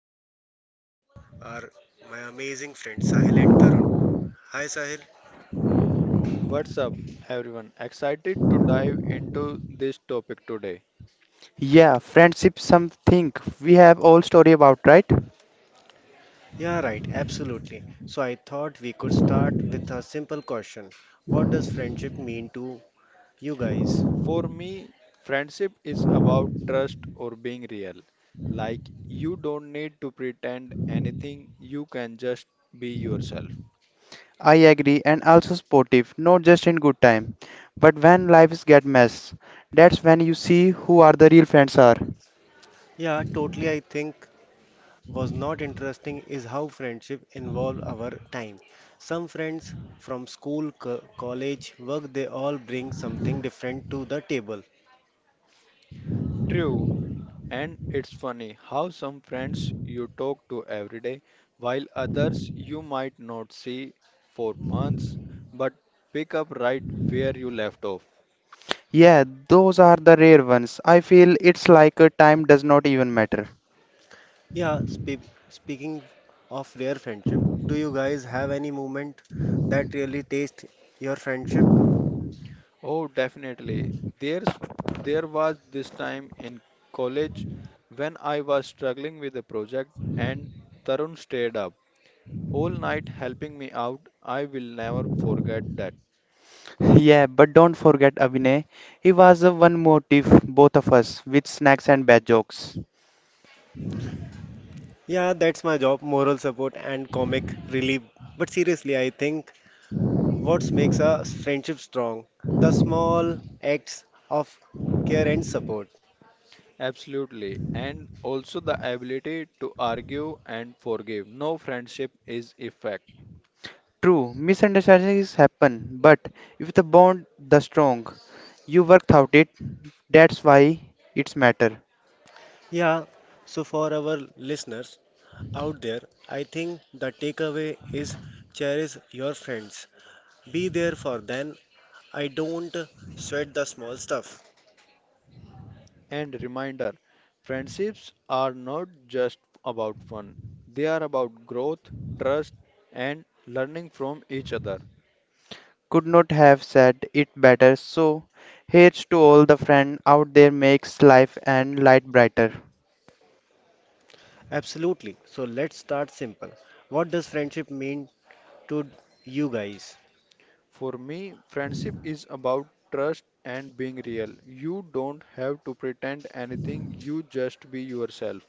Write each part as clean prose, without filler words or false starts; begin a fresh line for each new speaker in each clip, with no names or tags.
and with me today are my amazing friends Sahil and Tarun. Hi, Sahil.
What's up, everyone? Excited to dive into this topic today.
Yeah, friendship something we have all story about, right?
Yeah, right, absolutely. So I thought we could start with a simple question. What does friendship mean to you guys?
For me, friendship is about trust or being real. Like, you don't need to pretend anything, you can just be yourself.
I agree and also sportive, not just in good time, but when lives get mess. That's when you see who are the real friends are.
Yeah, totally, I think was not interesting is how friendship involve our time. Some friends from school, college, work, they all bring something different to the table.
True, and it's funny how some friends you talk to every day, while others you might not see for months, but pick up right where you left off.
Yeah, those are the rare ones. I feel it's like a time does not even matter.
Yeah, speaking of rare friendship, do you guys have any moment that really taste your friendship?
Oh, definitely. There's there was this time in college when I was struggling with a project and Tarun stayed up all night helping me out. I will never forget that.
Yeah, but don't forget Abhinay. He was the one motive both of us with snacks and bad jokes.
Yeah, that's my job, moral support and comic relief. But seriously, I think what makes a friendship strong? The small acts of care and support.
Absolutely. And also the ability to argue and forgive. No friendship is effect.
True, misunderstandings happen, but if the bond the strong, you worked out it. That's why it's matter.
Yeah, so for our listeners out there, I think the takeaway is cherish your friends. Be there for them. I don't sweat the small stuff.
And reminder, friendships are not just about fun. They are about growth, trust and learning from each other.
Could not have said it better. So, here's to all the friend out there makes life and light brighter.
Absolutely. So let's start simple. What does friendship mean to you guys?
For me, friendship is about trust and being real. You don't have to pretend anything, you just be yourself.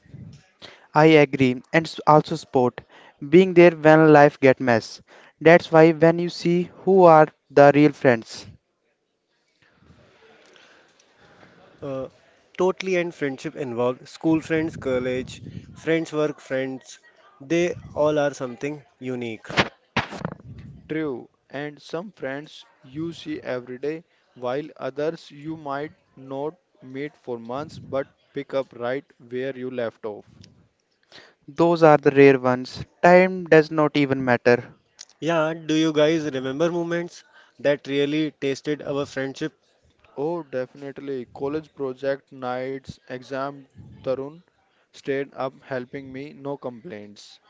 I agree, and also sport, being there when life get mess. That's why when you see who are the real friends,
Uh, totally and friendship involved school friends, college, friends, work friends. They all are something unique.
True, and some friends you see every day, while others you might not meet for months but pick up right where you left off.
those are the rare ones. Time does not even matter.
Yeah, do you guys remember moments that really tasted our friendship?
Oh, definitely. College project nights, exam Tarun stayed up helping me, no complaints.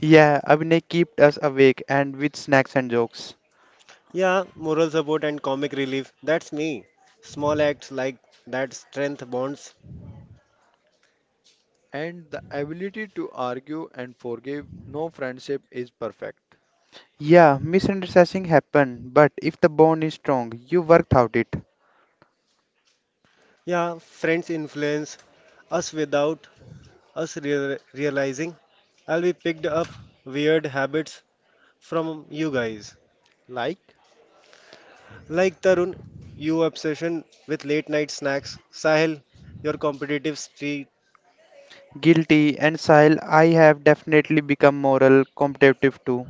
Yeah, Abhinay kept us awake and with snacks and jokes.
Yeah, moral support and comic relief. That's me. Small acts like that strength bonds.
And the ability to argue and forgive. No friendship is perfect.
Yeah, misunderstanding happen, but if the bond is strong, you worked out it.
Yeah, friends influence us without us realizing I'll be picked up weird habits from you guys.
Like,
Like Tarun, you obsession with late night snacks. Sahil, your competitive streak.
Guilty and Sahil, I have definitely become moral competitive too.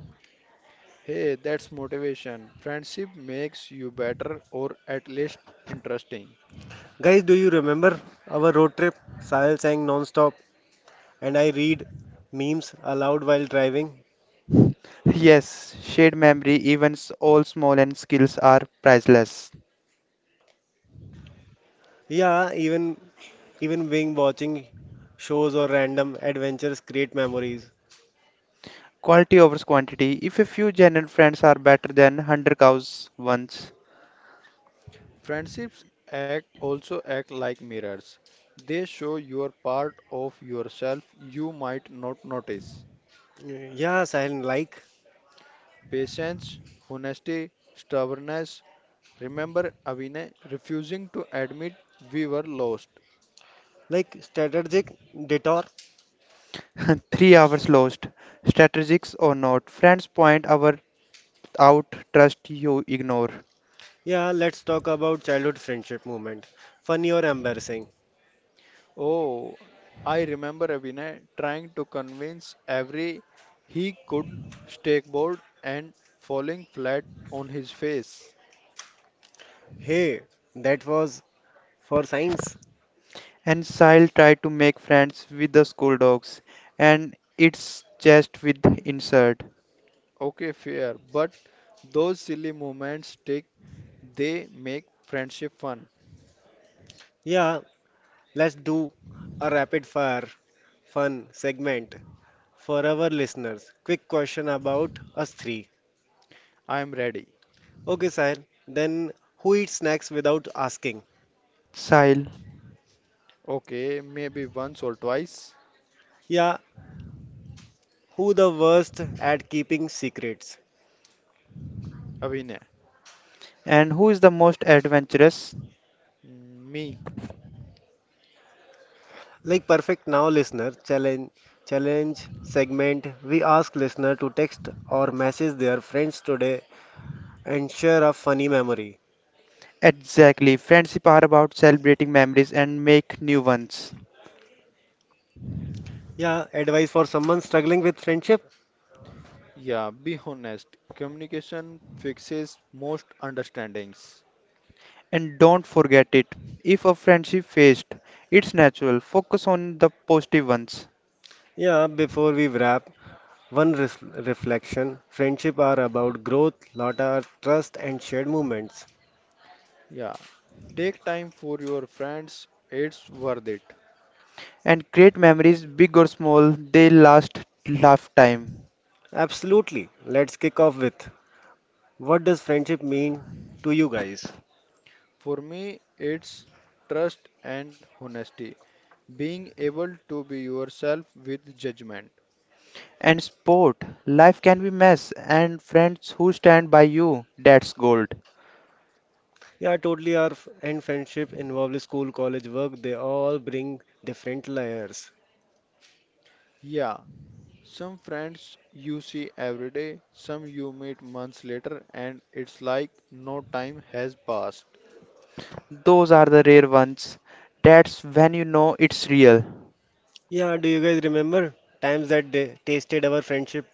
hey, that's motivation. Friendship makes you better or at least interesting.
Guys, do you remember our road trip? Sahil sang non-stop and I read memes aloud while driving.
Yes, shared memory, events, all small and skills are priceless.
Yeah, even being watching shows or random adventures create memories.
Quality over quantity. If a few genuine friends are better than 100 cows once.
Friendships act also act like mirrors. They show your part of yourself you might not notice.
Yeah, Sahil, like
Patience, honesty, stubbornness. Remember Avine refusing to admit we were lost.
like strategic detour.
3 hours lost. Strategics or not, friends point our out, trust you ignore.
Yeah, let's talk about childhood friendship moment. Funny or embarrassing?
Oh, I remember Abhinay trying to convince every he could stakeboard and falling flat on his face.
Hey, that was for science.
And Sile tried to make friends with the school dogs, and it's just with insert.
Okay, fair, but those silly moments stick. They make friendship fun.
Yeah, let's do a rapid fire fun segment for our listeners. Quick question about us three.
I am ready.
Okay, sir. Then who eats snacks without asking?
Sile.
Okay, maybe once or twice.
Yeah, who the worst at keeping secrets?
Abhinay,
And who is the most adventurous?
mm, me.
Like perfect now listener challenge segment, we ask listener to text or message their friends today and share a funny memory.
Exactly. Friendship are about celebrating memories and make new ones.
Yeah, advice for someone struggling with friendship?
Yeah, be honest. Communication fixes most understandings.
And don't forget it. If a friendship faced, it's natural. Focus on the positive ones.
Yeah, before we wrap, one reflection, friendship are about growth, lot are trust, and shared moments.
Yeah, take time for your friends. It's worth it.
And create memories, big or small, they last lifetime.
Absolutely. Let's kick off with what does friendship mean to you guys?
For me, it's trust and honesty, being able to be yourself with judgment.
And sport, life can be mess, and friends who stand by you, that's gold.
Yeah, totally. Our and friendship involve school, college, work. They all bring different layers.
Yeah, some friends you see every day, some you meet months later, and it's like no time has passed.
Those are the rare ones. That's when you know it's real.
Yeah, do you guys remember times that they tasted our friendship?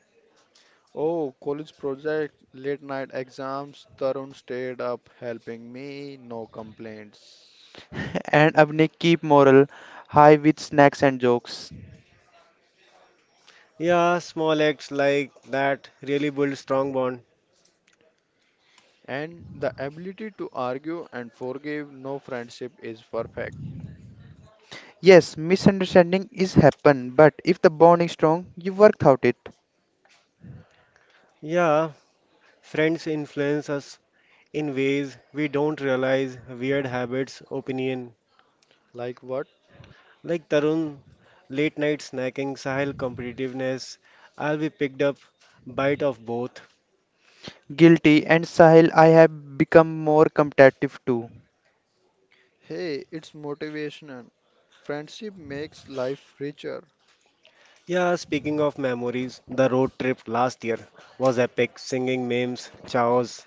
Oh, college project, late night exams, Tarun stayed up helping me, no complaints.
And Abne keep moral high with snacks and jokes.
Yeah, small acts like that really build strong bond.
And the ability to argue and forgive, no friendship is perfect.
Yes, misunderstanding is happen, but if the bond is strong, you work out it.
Yeah, friends influence us in ways we don't realize. Weird habits, opinion,
Like what?
like Tarun, late night snacking, Sahil competitiveness. I'll be picked up, bite of both.
Guilty and Sahil, I have become more competitive too.
Hey, it's motivational. Friendship makes life richer.
Yeah, speaking of memories, the road trip last year was epic. Singing memes, chows,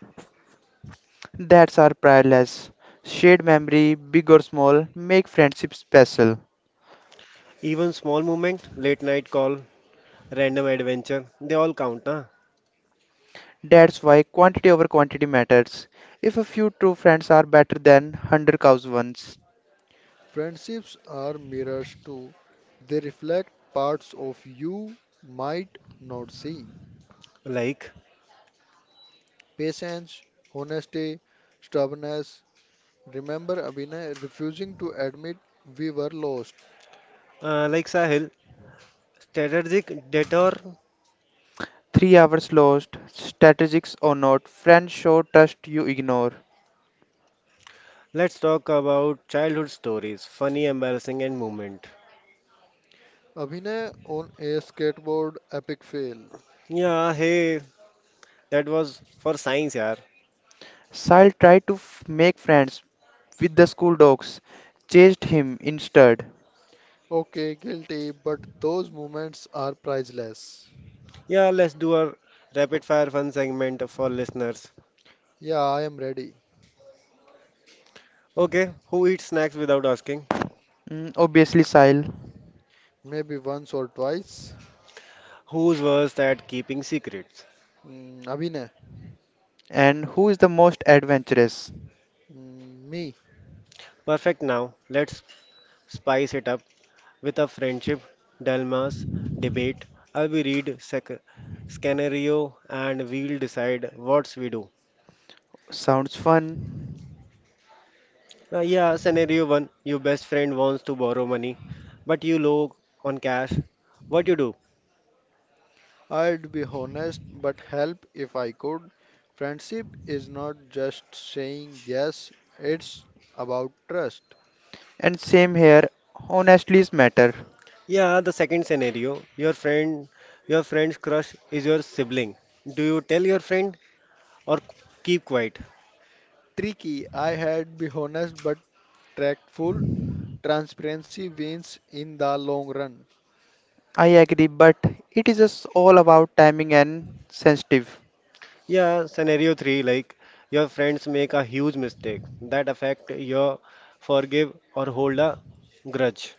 That's our priceless. Shared memory, big or small, make friendship special.
even small moment, late night call, random adventure, they all count, na?
That's why quantity over quantity matters. If a few true friends are better than 100 cows ones.
Friendships are mirrors too. They reflect parts of you might not see.
Like,
Patience, honesty, stubbornness. Remember Abhinay refusing to admit we were lost.
like Sahil, strategic detour.
3 hours lost, strategics or not, friends show trust you ignore.
Let's talk about childhood stories, funny, embarrassing, and moment.
Abhinay on a skateboard epic fail.
Yeah, hey, that was for science, yaar.
Sile tried to f- make friends with the school dogs, chased him instead.
Okay, guilty, but those moments are priceless.
Yeah, let's do our rapid fire fun segment for listeners.
Yeah, I am ready.
Okay, who eats snacks without asking?
Mm, obviously, Sile.
Maybe once or twice.
Who's worst at keeping secrets?
Mm, Abhinay.
And who is the most adventurous?
Mm, me,
Perfect now. Let's spice it up with a friendship, dilemmas, debate. I'll be read scenario and we'll decide what we do.
Sounds fun.
Yeah, scenario one, your best friend wants to borrow money, but you low on cash. What you do?
I'd be honest, but help if I could. Friendship is not just saying yes, it's about trust.
And same here, honestly, is matter.
Yeah, the second scenario, your friend's crush is your sibling. Do you tell your friend or keep quiet?
Tricky, I had be honest but tactful. Transparency wins in the long run.
I agree, but it is just all about timing and sensitive.
Yeah, scenario three, like your friends make a huge mistake that affect your forgive or hold a grudge.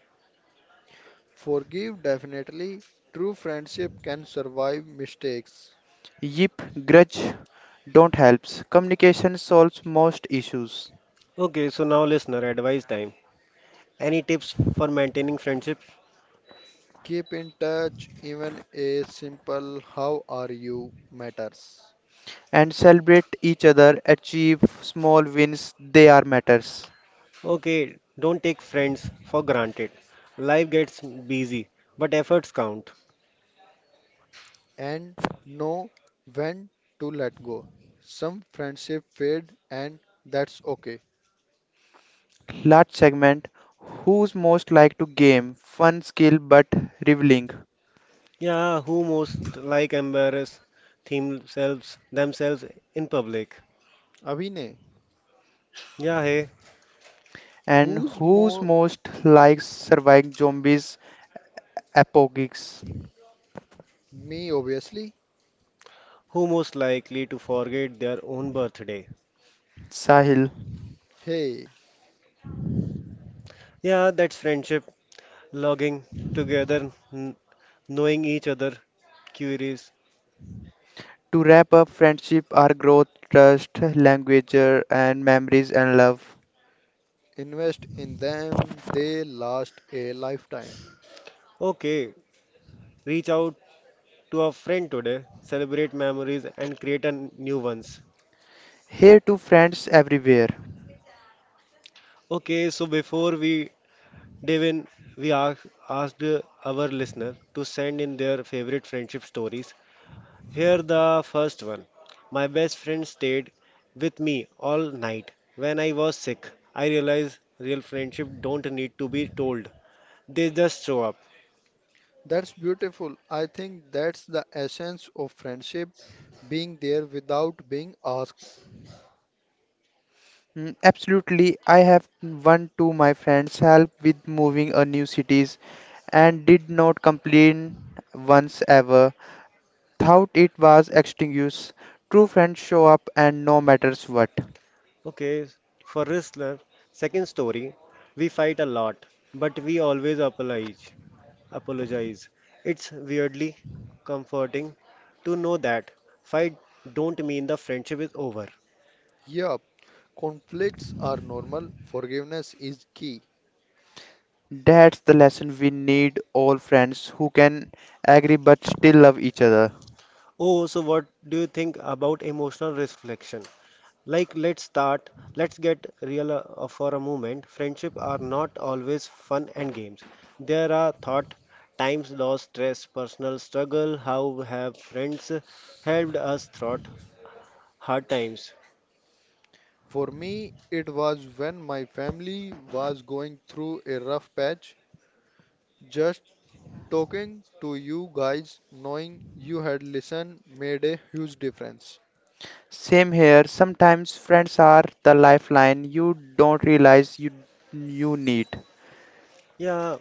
Forgive definitely. True friendship can survive mistakes.
Yip, grudge don't helps. Communication solves most issues.
Okay, so now listener advice time. Any tips for maintaining friendship?
Keep in touch, even a simple how are you matters.
And celebrate each other, achieve small wins, they are matters.
Okay, don't take friends for granted. Life gets busy, but efforts count.
And know when to let go. Some friendship fade and that's okay.
Last segment. Who's most like to game, fun skill but reveling,
Yeah, who most like embarrass themselves in public?
Abhinay,
Yeah, hey,
and
who's
who's
more
most likes surviving zombies apocalypse?
me obviously?
who most likely to forget their own birthday?
Sahil.
Hey,
Yeah, that's friendship, logging together, knowing each other, curious.
To wrap up, friendship are growth, trust, language and memories and love.
invest in them, they last a lifetime.
Okay, reach out to a friend today, celebrate memories and create a new ones.
Here to friends everywhere.
Okay, so before we Devin, we ask, asked our listener to send in their favorite friendship stories. Here the first one. My best friend stayed with me all night when I was sick. I realized real friendship don't need to be told. They just show up.
That's beautiful. I think that's the essence of friendship, being there without being asked.
Mm, absolutely, I have one to my friends help with moving a new cities and did not complain once ever. Thought it was extinguished. True friends show up and no matters what.
Okay, for listener, second story. We fight a lot, but we always apologize. Apologize. It's weirdly comforting to know that fight don't mean the friendship is over.
Yup, conflicts are normal, forgiveness is key.
That's the lesson, we need all friends who can agree but still love each other.
Oh, so what do you think about emotional reflection? Like, let's start, let's get real for a moment. Friendship are not always fun and games. There are thought, times, loss, stress, personal struggle. How have friends helped us throughout hard times?
For me, it was when my family was going through a rough patch. Just talking to you guys, knowing you had listened, made a huge difference.
Same here, sometimes friends are the lifeline you don't realize you need.
Yeah,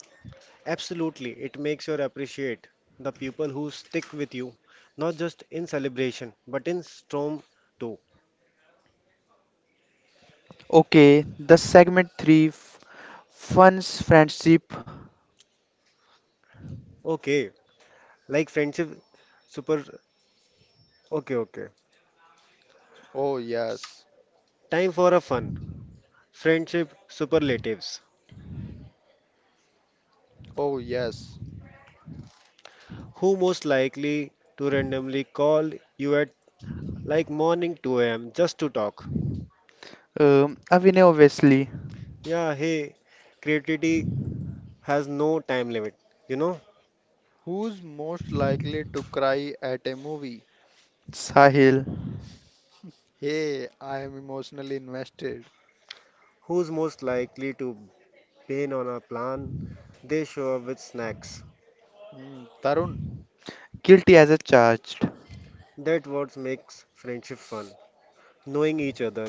absolutely. It makes you appreciate the people who stick with you, not just in celebration, but in storm too.
Okay, the segment 3 fun's friendship.
Okay, like friendship super. Okay, okay.
Oh, yes.
Time for a fun friendship superlatives.
Oh, yes.
Who most likely to randomly call you at like morning 2 a.m. just to talk?
Avine obviously.
Yeah, hey, creativity has no time limit. You know,
Who's most likely to cry at a movie?
Sahil
Hey, I am emotionally invested.
who's most likely to bane on a plan? They show up with snacks.
Hmm, Tarun,
guilty as a charged.
That what makes friendship fun. Knowing each other,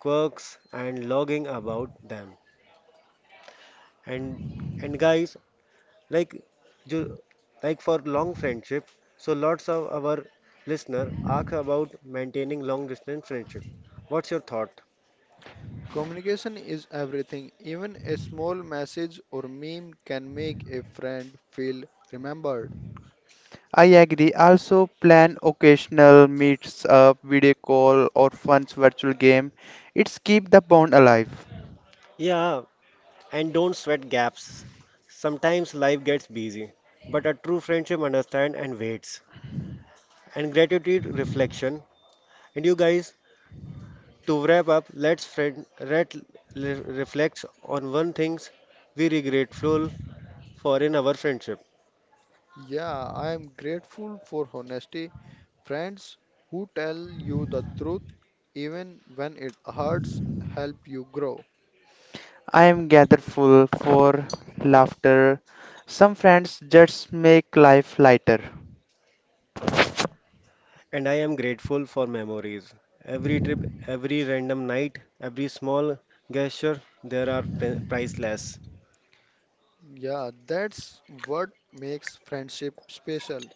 quirks, and logging about them. And and guys, like ju- like for long friendship, so lots of our listener ask about maintaining long distance friendship, what's your thought?
communication is everything. Even a small message or meme can make a friend feel remembered.
I agree. Also, plan occasional meets up, video call, or fun virtual game. It's keep the bond alive.
Yeah, and don't sweat gaps, sometimes life gets busy but a true friendship understand and waits. And gratitude reflection, and you guys, to wrap up, let's friend let le- reflect on one things we regretful for in our friendship.
Yeah, I am grateful for honesty. Friends who tell you the truth even when it hurts help you grow.
I am gathered full for laughter. Some friends just make life lighter.
And I am grateful for memories. Every trip, every random night, every small gesture, there are priceless.
Yeah, that's what makes friendship special.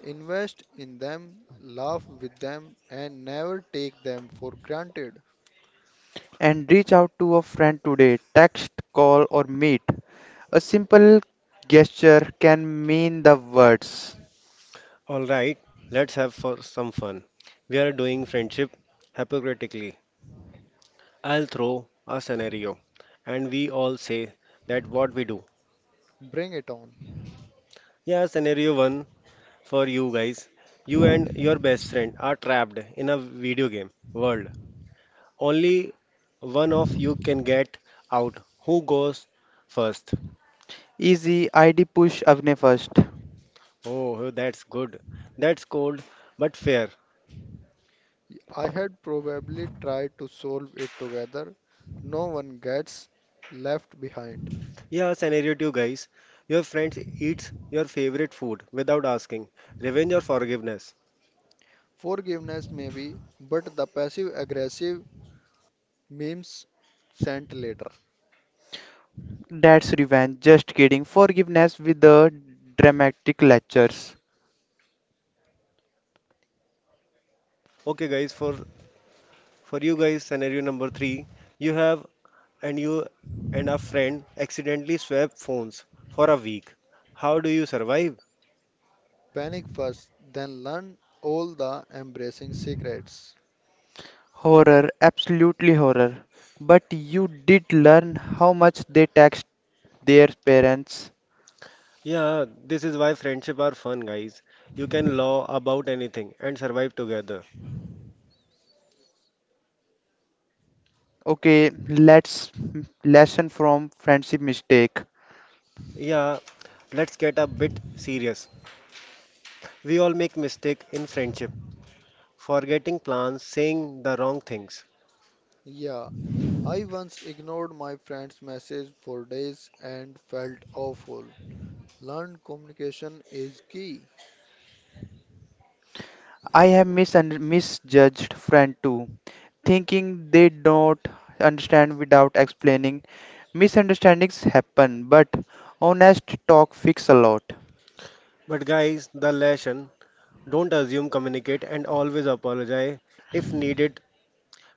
Invest in them, laugh with them, and never take them for granted.
And reach out to a friend today, text, call, or meet. A simple gesture can mean the words.
All right, let's have for some fun. We are doing friendship hypocritically. I'll throw a scenario, and we all say that what we do.
Bring it on.
Yeah, scenario one for you guys. You and your best friend are trapped in a video game world. Only one of you can get out. Who goes first?
Easy ID, push Avne first.
Oh, oh, that's good. That's cold, but fair.
I had probably tried to solve it together. No one gets left behind.
Yeah, scenario two, guys. Your friends eats your favorite food without asking. Revenge or forgiveness?
Forgiveness, maybe, but the passive aggressive memes sent later.
That's revenge. Just kidding. Forgiveness with the dramatic lectures.
Okay, guys. For you guys, scenario number three. You have you and a friend accidentally swap phones for a week. How do you survive?
Panic first, then learn all the embracing secrets.
Horror, absolutely horror. But you did learn how much they taxed their parents.
Yeah, this is why friendship are fun, guys. You can laugh about anything and survive together.
Okay, let's lesson from friendship mistake.
Yeah, let's get a bit serious. We all make mistake in friendship. Forgetting plans, saying the wrong things.
Yeah, I once ignored my friend's message for days and felt awful. Learn communication is key.
I have misjudged friend too, thinking they don't understand without explaining. Misunderstandings happen, but honest talk fix a lot.
But guys, the lesson, don't assume, communicate, and always apologize if needed.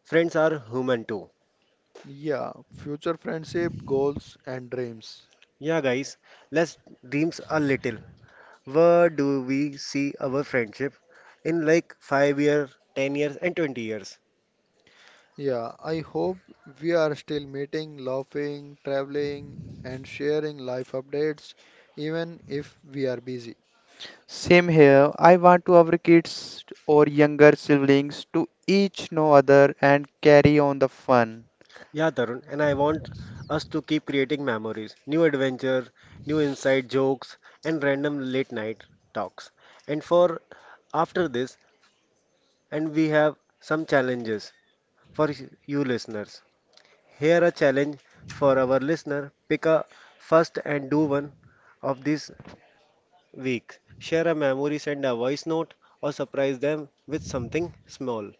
Friends are human too.
Yeah, future friendship, goals, and dreams.
Yeah, guys, let's dreams a little. Where do we see our friendship in like 5 years, 10 years, and 20 years?
Yeah, I hope we are still meeting, laughing, traveling, and sharing life updates, even if we are busy.
Same here. I want to our kids or younger siblings to each know other and carry on the fun.
Yeah, Tarun, and I want us to keep creating memories, new adventure, new inside jokes, and random late night talks. And for after this, and we have some challenges for you listeners. Here a challenge for our listener. Pick a first and do one of these weeks. Share a memory, send a voice note or surprise them with something small.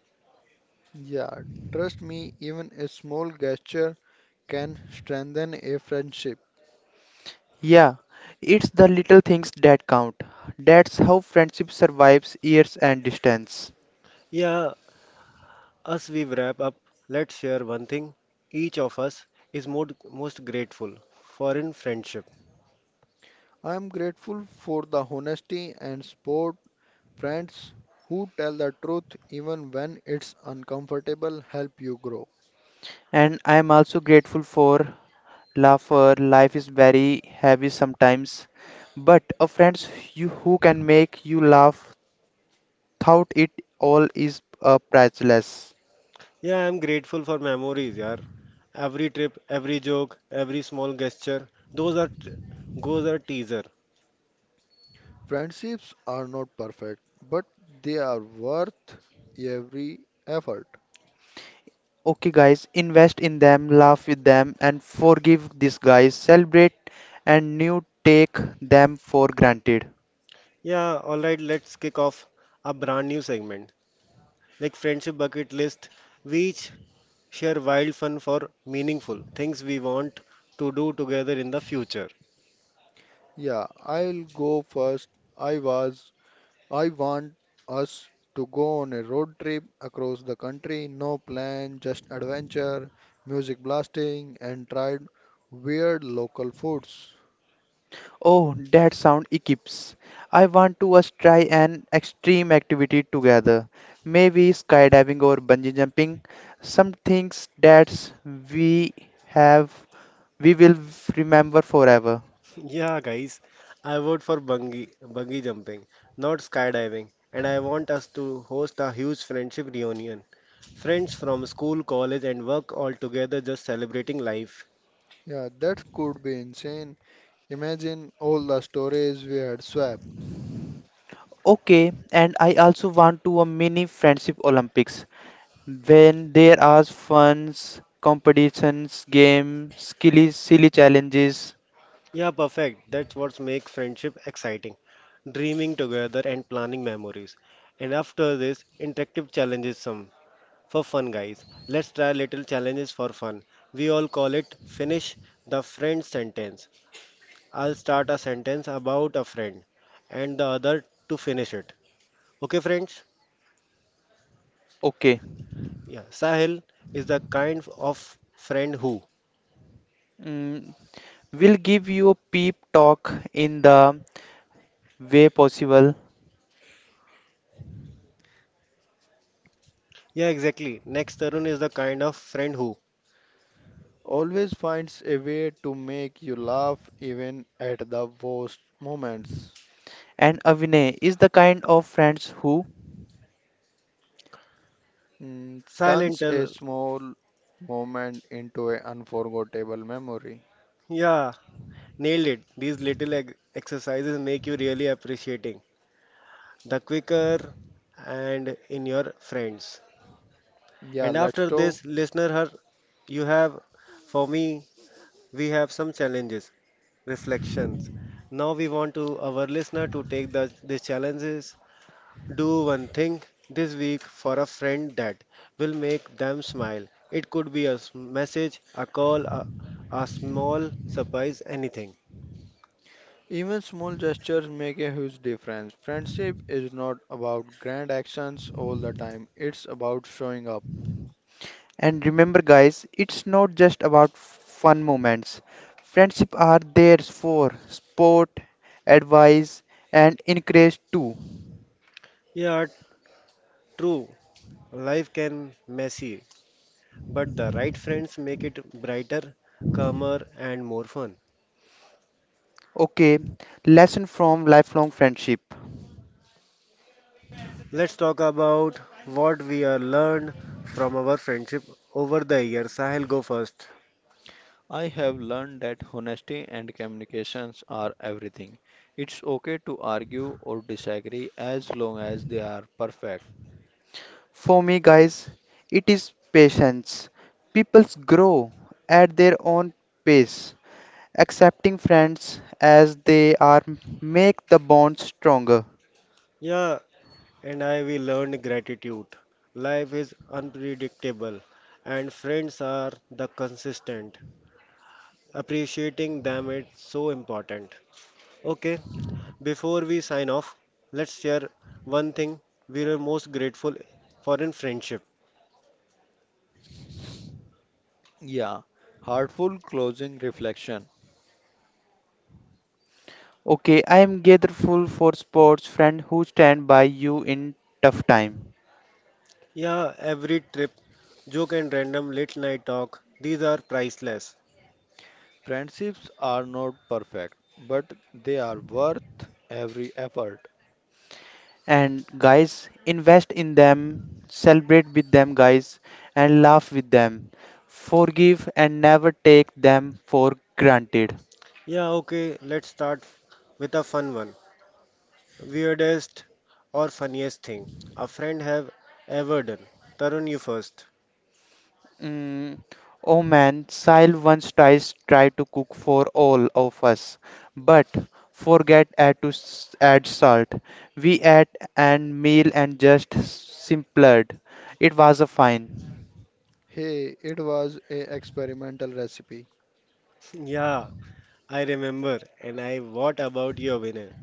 Yeah, trust me, even a small gesture can strengthen a friendship.
Yeah, it's the little things that count. That's how friendship survives years and distance.
Yeah, as we wrap up, let's share one thing each of us is most grateful for in friendship.
I am grateful for the honesty and support friends who tell the truth even when it's uncomfortable help you grow.
And I'm also grateful for laughter. Life is very heavy sometimes, but a friends you who can make you laugh thought it all is priceless.
Yeah, I'm grateful for memories, yaar. Every trip, every joke, every small gesture, those are those are teaser.
Friendships are not perfect, but they are worth every effort.
Okay, guys, invest in them, laugh with them, and forgive these guys. Celebrate and new take them for granted.
Yeah, all right, let's kick off a brand new segment, like friendship bucket list. We each share wild fun for meaningful things we want to do together in the future.
Yeah, I'll go first. I was I want us to go on a road trip across the country, no plan, just adventure, music blasting and tried weird local foods.
Oh, that sound equips. I want to us try an extreme activity together. Maybe skydiving or bungee jumping. Some things that we have we will remember forever.
Yeah, guys, I vote for bungee jumping, not skydiving, and I want us to host a huge friendship reunion. Friends from school, college, and work all together just celebrating life.
Yeah, that could be insane. Imagine all the stories we had swap.
Okay, and I also want to a mini friendship Olympics when there are funs, competitions, games, silly, silly challenges.
Yeah, perfect. That's what makes friendship exciting. Dreaming together and planning memories. And after this, interactive challenges some for fun, guys. Let's try little challenges for fun. We all call it finish the friend sentence. I'll start a sentence about a friend and the other to finish it. Okay, friends?
Okay.
Yeah, Sahil is the kind of friend who.
Mm, we'll give you a peep talk in the way possible.
Yeah, exactly. Next, Tarun is the kind of friend who.
Always finds a way to make you laugh even at the worst moments.
And Avinay is the kind of friends who,
Silent.
Turns a small moment into an unforgettable memory.
Yeah. Nailed it. These little exercises make you really appreciating the quicker and in your friends.
Yeah,
And
let's
after
talk.
this, listener, her, you have for me, we have some challenges, reflections. Now we want to our listener to take the these challenges. Do one thing this week for a friend that will make them smile. It could be a message, a call, a small surprise, anything.
Even small gestures make a huge difference. Friendship is not about grand actions all the time. It's about showing up.
and remember guys, it's not just about fun moments. Friendship are there for sport, advice, and encourage too.
Yeah, true. Life can messy, but the right friends make it brighter, calmer and more fun.
Okay, lesson from lifelong friendship.
Let's talk about what we have learned from our friendship over the years. Sahil, go first.
I have learned that honesty and communications are everything. It's okay to argue or disagree as long as they are perfect.
For me, guys, it is patience. Peoples grow at their own pace. Accepting friends as they are make the bond stronger.
Yeah, and I we learned gratitude. Life is unpredictable and friends are the consistent. Appreciating them is so important. Okay, before we sign off, let's share one thing we are most grateful for in friendship.
Yeah, heartful closing reflection.
Okay, I am grateful for sports friends who stand by you in tough time.
Yeah, every trip, joke and random late night talk, these are priceless.
Friendships are not perfect, but they are worth every effort.
And guys, invest in them, celebrate with them, guys, and laugh with them. Forgive and never take them for granted.
Yeah, okay, let's start with a fun one. Weirdest or funniest thing a friend have ever done. Tarun, you first.
Mm, oh man, Sile once tries tried to cook for all of us, but forget add salt. We ate and meal and just simpered. It was a fine.
Hey, it was a experimental recipe.
Yeah, I remember. And I, what about your winner?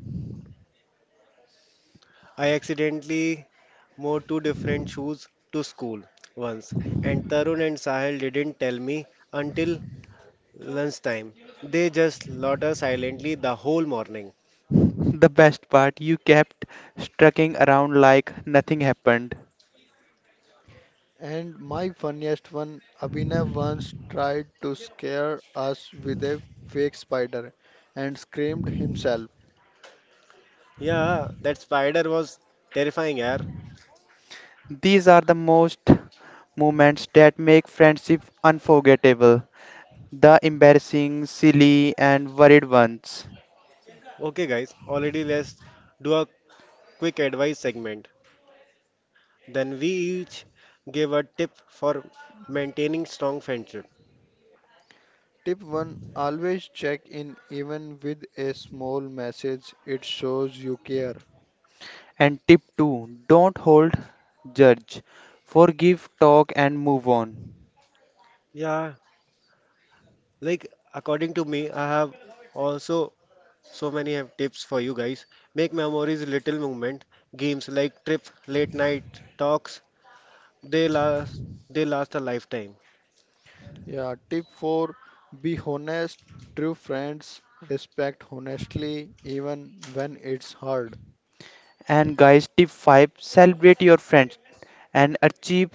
I accidentally wore two different shoes to school once, and Tarun and Sahil didn't tell me until lunchtime. They just loiter silently the whole morning.
The best part, you kept strucking around like nothing happened.
And my funniest one, Abhinav once tried to scare us with a fake spider and screamed himself.
Yeah, that spider was terrifying, yeah.
These are the most moments that make friendship unforgettable. The embarrassing, silly, and worried ones.
Okay, guys, already let's do a quick advice segment. Then we each give a tip for maintaining strong friendship.
Tip 1, always check in, even with a small message, it shows you care.
And tip 2, don't hold judge. Forgive, talk, and move on.
Yeah, like according to me, I have also so many have tips for you guys. Make memories, little movement, games like trip, late night talks. They last, they last a lifetime.
Yeah, tip 4, be honest, true friends respect honestly, even when it's hard.
And guys, tip 5, celebrate your friends and achieve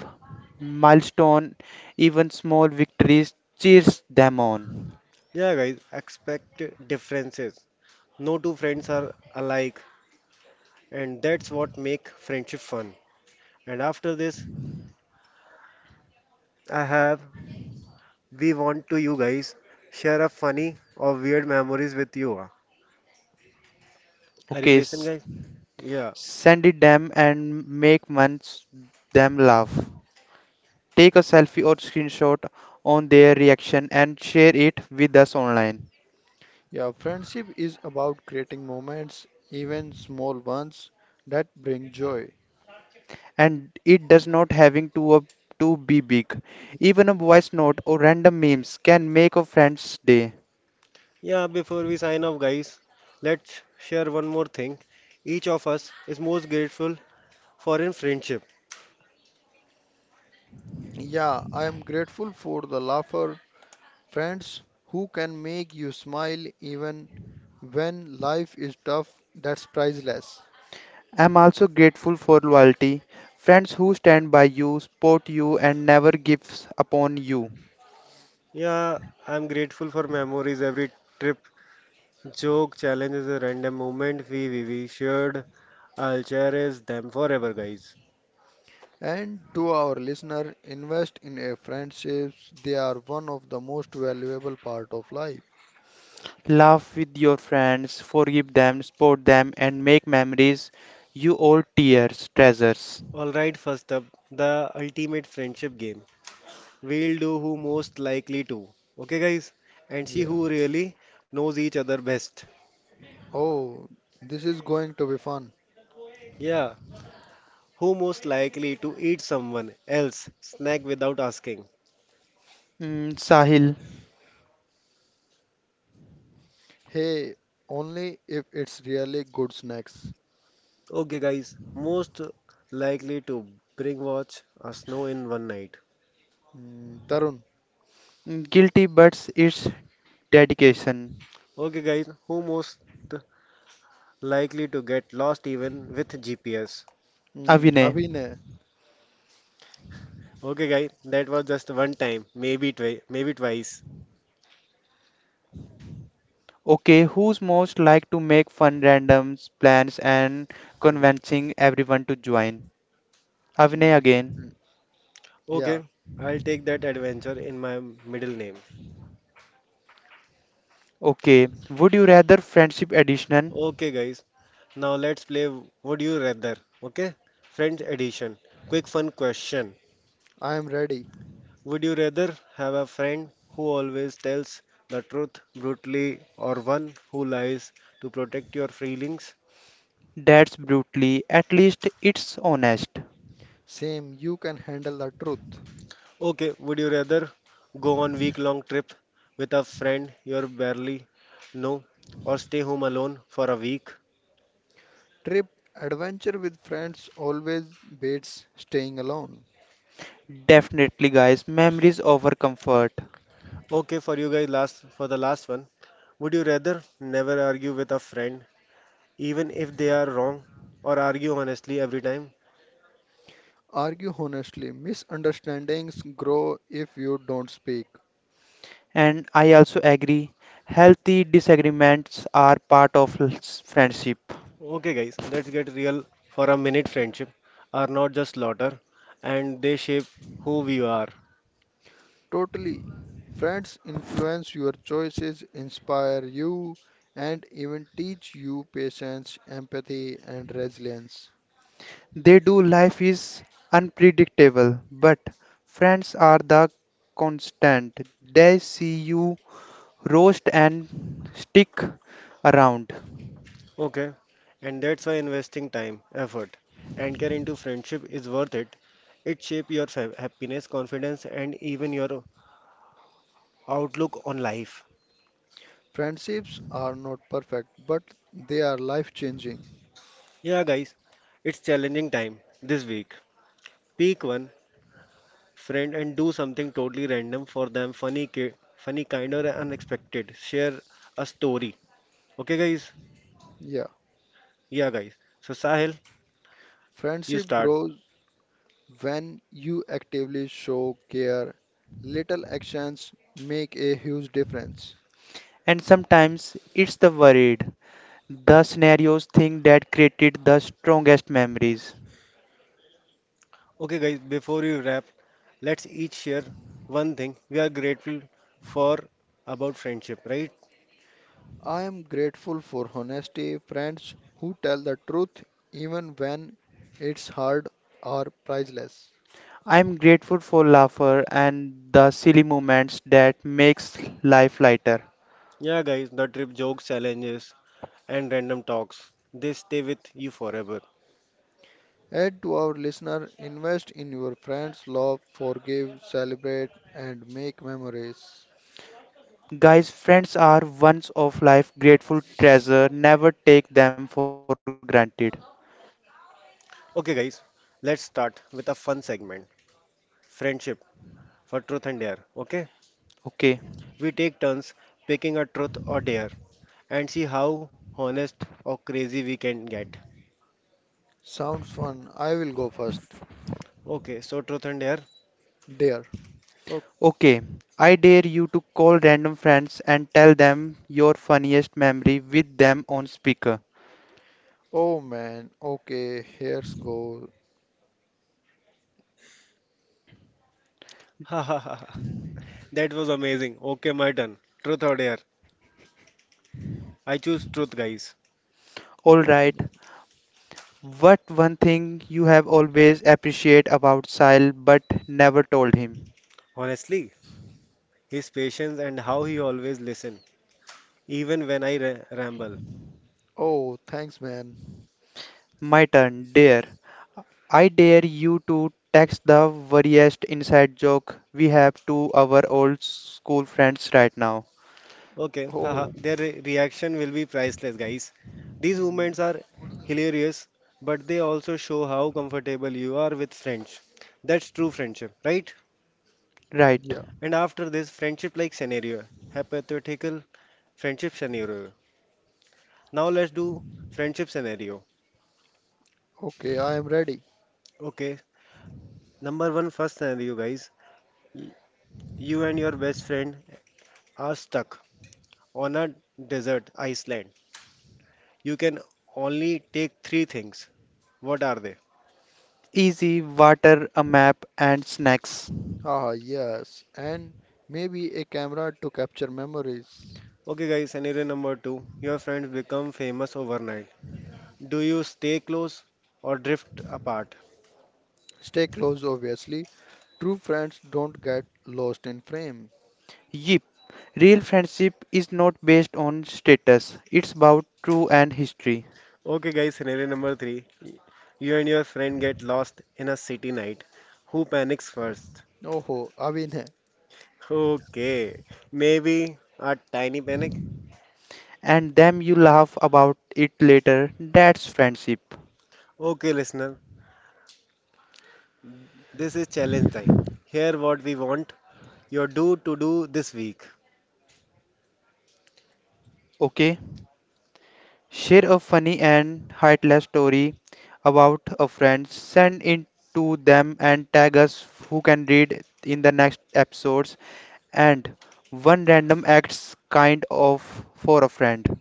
milestone, even small victories, cheers them on.
Yeah, guys, expect differences. No two friends are alike, and that's what make friendship fun. And after this, I have we want to you guys share a funny or weird memories with you. Ah. Are you
Okay,
listening, guys? Yeah,
send it them and make once them laugh. Take a selfie or screenshot on their reaction and share it with us online.
Yeah, friendship is about creating moments, even small ones, that bring joy.
And it does not having to be big. Even a voice note or random memes can make a friend's day.
yeah. Before we sign off, guys, let's share one more thing. Each of us is most grateful for in friendship.
Yeah, I am grateful for the laugher, friends who can make you smile even when life is tough, that's priceless.
I'm also grateful for loyalty, friends who stand by you, support you, and never gives upon you.
Yeah, I'm grateful for memories every trip. Joke, challenges, a random moment we shared. I'll cherish them forever, guys.
And to our listener, invest in a friendships. They are one of the most valuable part of life.
Laugh with your friends, forgive them, support them, and make memories you all tears treasures.
Alright, first up, the ultimate friendship game. We'll do who most likely to. Okay, guys? And see
Yeah.
who really knows each other best.
Oh, this is going to be fun.
Yeah, who most likely to eat someone else snack without asking.
Mm, Sahil,
Hey, only if it's really good snacks.
Okay, guys, most likely to bring watch a snow in one night.
Mm, Tarun,
mm, guilty but it's dedication.
Okay, guys, who most likely to get lost even with GPS.
mm,
Avinay,
Abhinay,
Okay, guys, that was just one time, maybe twice.
okay, who's most like to make fun randoms plans and
Ridiculous.
convincing everyone to join? Avinay
mm,
again.
mm, yeah,
Okay, I'll take that adventure in my middle name.
Okay, would you rather friendship edition?
Okay, guys. Now let's play Would You Rather. Okay? Friends edition. Quick fun question.
I am ready.
Would you rather have a friend who always tells the truth brutally or one who lies to protect your feelings?
That's brutally, at least it's honest.
Same, you can handle the truth.
Okay, would you rather go on week long trip with a friend you barely know or stay home alone for a week?
Trip, adventure with friends always beats staying alone.
Definitely, guys, memories over comfort.
Okay, for you guys last for the last one. Would you rather never argue with a friend even if they are wrong or argue honestly every time.
Argue honestly. Misunderstandings grow if you don't speak.
And I also agree, healthy disagreements are part of friendship.
Okay, guys, let's get real for a minute. Friendship are not just slaughter and they shape who we are.
Totally. Friends influence your choices, inspire you, and even teach you patience, empathy, and resilience.
They do. Life is unpredictable, but friends are the constant. They see you roast and stick around.
Okay, and that's why investing time, effort, and care into friendship is worth it. It shapes your happiness, confidence, and even your outlook on life.
Friendships are not perfect, but they are life changing.
Yeah, guys, it's challenging time this week. Peak one friend and do something totally random for them, funny, kind or unexpected. Share a story. Okay, guys?
Yeah.
Yeah, guys. So, Sahil, you
Friendship
start.
grows when you actively show care. Little actions make a huge difference.
And sometimes it's the worried, the scenarios thing that created the strongest memories.
Okay, guys, before you wrap, let's each share one thing we are grateful for about friendship, right?
I am grateful for honesty, friends who tell the truth even when it's hard are priceless.
I'm grateful for laughter and the silly moments that makes life lighter.
Yeah, guys, the trip jokes, challenges, and random talks. They stay with you forever.
Add to our listener, invest in your friends, love, forgive, celebrate, and make memories.
Guys, friends are once of life grateful treasure. Never take them for granted.
Okay, guys, let's start with a fun segment friendship for truth and dare. Okay,
Okay.
we take turns picking a truth or dare and see how honest or crazy we can get.
Sounds fun. I will go first.
Okay, so truth and dare.
Dear.
Oh,
Okay, I dare you to call random friends and tell them your funniest memory with them on speaker.
Oh man. Okay, here's go.
ha ha ha. Ha. That was amazing. Okay, my turn. Truth or dare? I choose truth, guys.
Alright,
Um,
what one thing you have always appreciated about Sile but never told him?
Honestly, his patience and how he always listen, even when ramble.
Oh, thanks man.
My turn, dare. I dare you to text the worriest inside joke we have to our old school friends right now.
Okay, haha.
Oh,
Their reaction will be priceless, guys. These
mm,
moments are hilarious, but they also show how comfortable you are with friends. That's true friendship, right?
Right.
yeah.
And after this friendship like scenario, hypothetical friendship scenario. Now let's do friendship scenario.
Okay, I am ready.
Okay, number one first scenario, guys. Y- You and your best friend are stuck on a desert island. You can only take three things. What are they?
Easy, water, a map, and snacks.
Ah, yes. And maybe a camera to capture memories.
Okay, guys, scenario number two. Your friends become famous overnight. Do you stay close or drift apart?
Stay close, obviously. True friends don't get lost in frame.
Yep, real friendship is not based on status, it's about true and history.
Okay, guys, scenario number three. You and your friend get lost in a city night. Who panics first?
Oh, Avin.
Okay, maybe a tiny panic.
And then you laugh about it later, that's friendship.
Okay, listener, this is challenge time. Here, what we want your do this week.
Okay? Share a funny and heartless story about a friend, send it to them and tag us who can read in the next episodes. And one random acts kind of for a friend.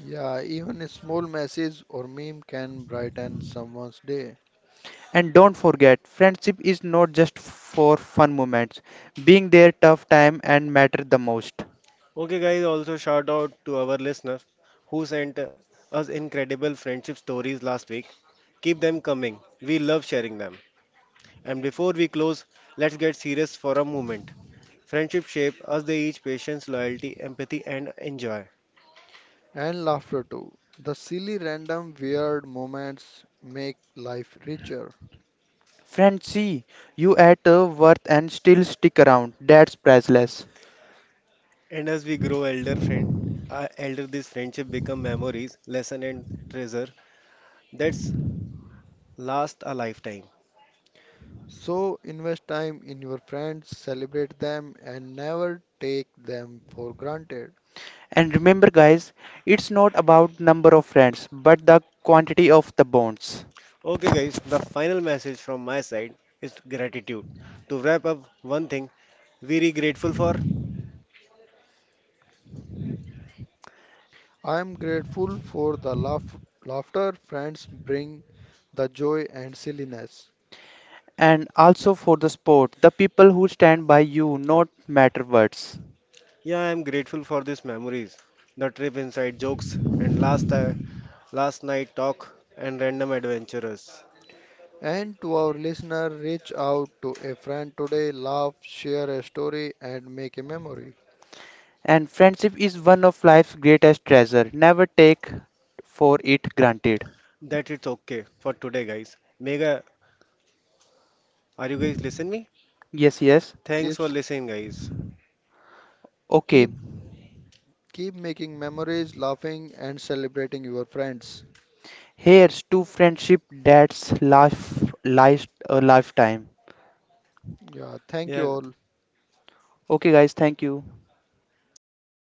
Yeah, even a small message or meme can brighten someone's day.
And don't forget, friendship is not just for fun moments. Being there tough time and matter the most.
Okay, guys, also shout out to our listeners who sent us incredible friendship stories last week. Keep them coming, we love sharing them. And before we close, let's get serious for a moment. Friendship shape us, they each patience, loyalty, empathy, and enjoy.
And laughter too. The silly, random, weird moments make life richer.
Friends see you at a worth and still stick around. That's priceless.
And as we grow elder friend, elder this friendship become memories, lesson and treasure that's last a lifetime.
So invest time in your friends, celebrate them, and never take them for granted.
And remember guys, it's not about number of friends, but the quantity of the bonds.
Okay guys, the final message from my side is gratitude. To wrap up one thing, very grateful for.
I am grateful for the laughter friends bring, the joy and silliness.
And also for the sport, the people who stand by you,
Yeah.
not matter words.
Yeah, I am grateful for these memories, the trip inside jokes and last night talk and random adventurers.
And to our listener, reach out to a friend today, laugh, share a story, and make a memory.
And friendship is one of life's greatest treasure. Never take for it granted.
That it's okay for today guys. Mega, are you guys listening me?
Yes, yes.
Thanks for
Keeps.
listening guys.
Okay.
Keep keep making memories, laughing and celebrating your friends.
Here's to friendship that's life, life a lifetime.
Yeah, thank you
Yeah,
all.
Okay, guys, thank you.
thanks for this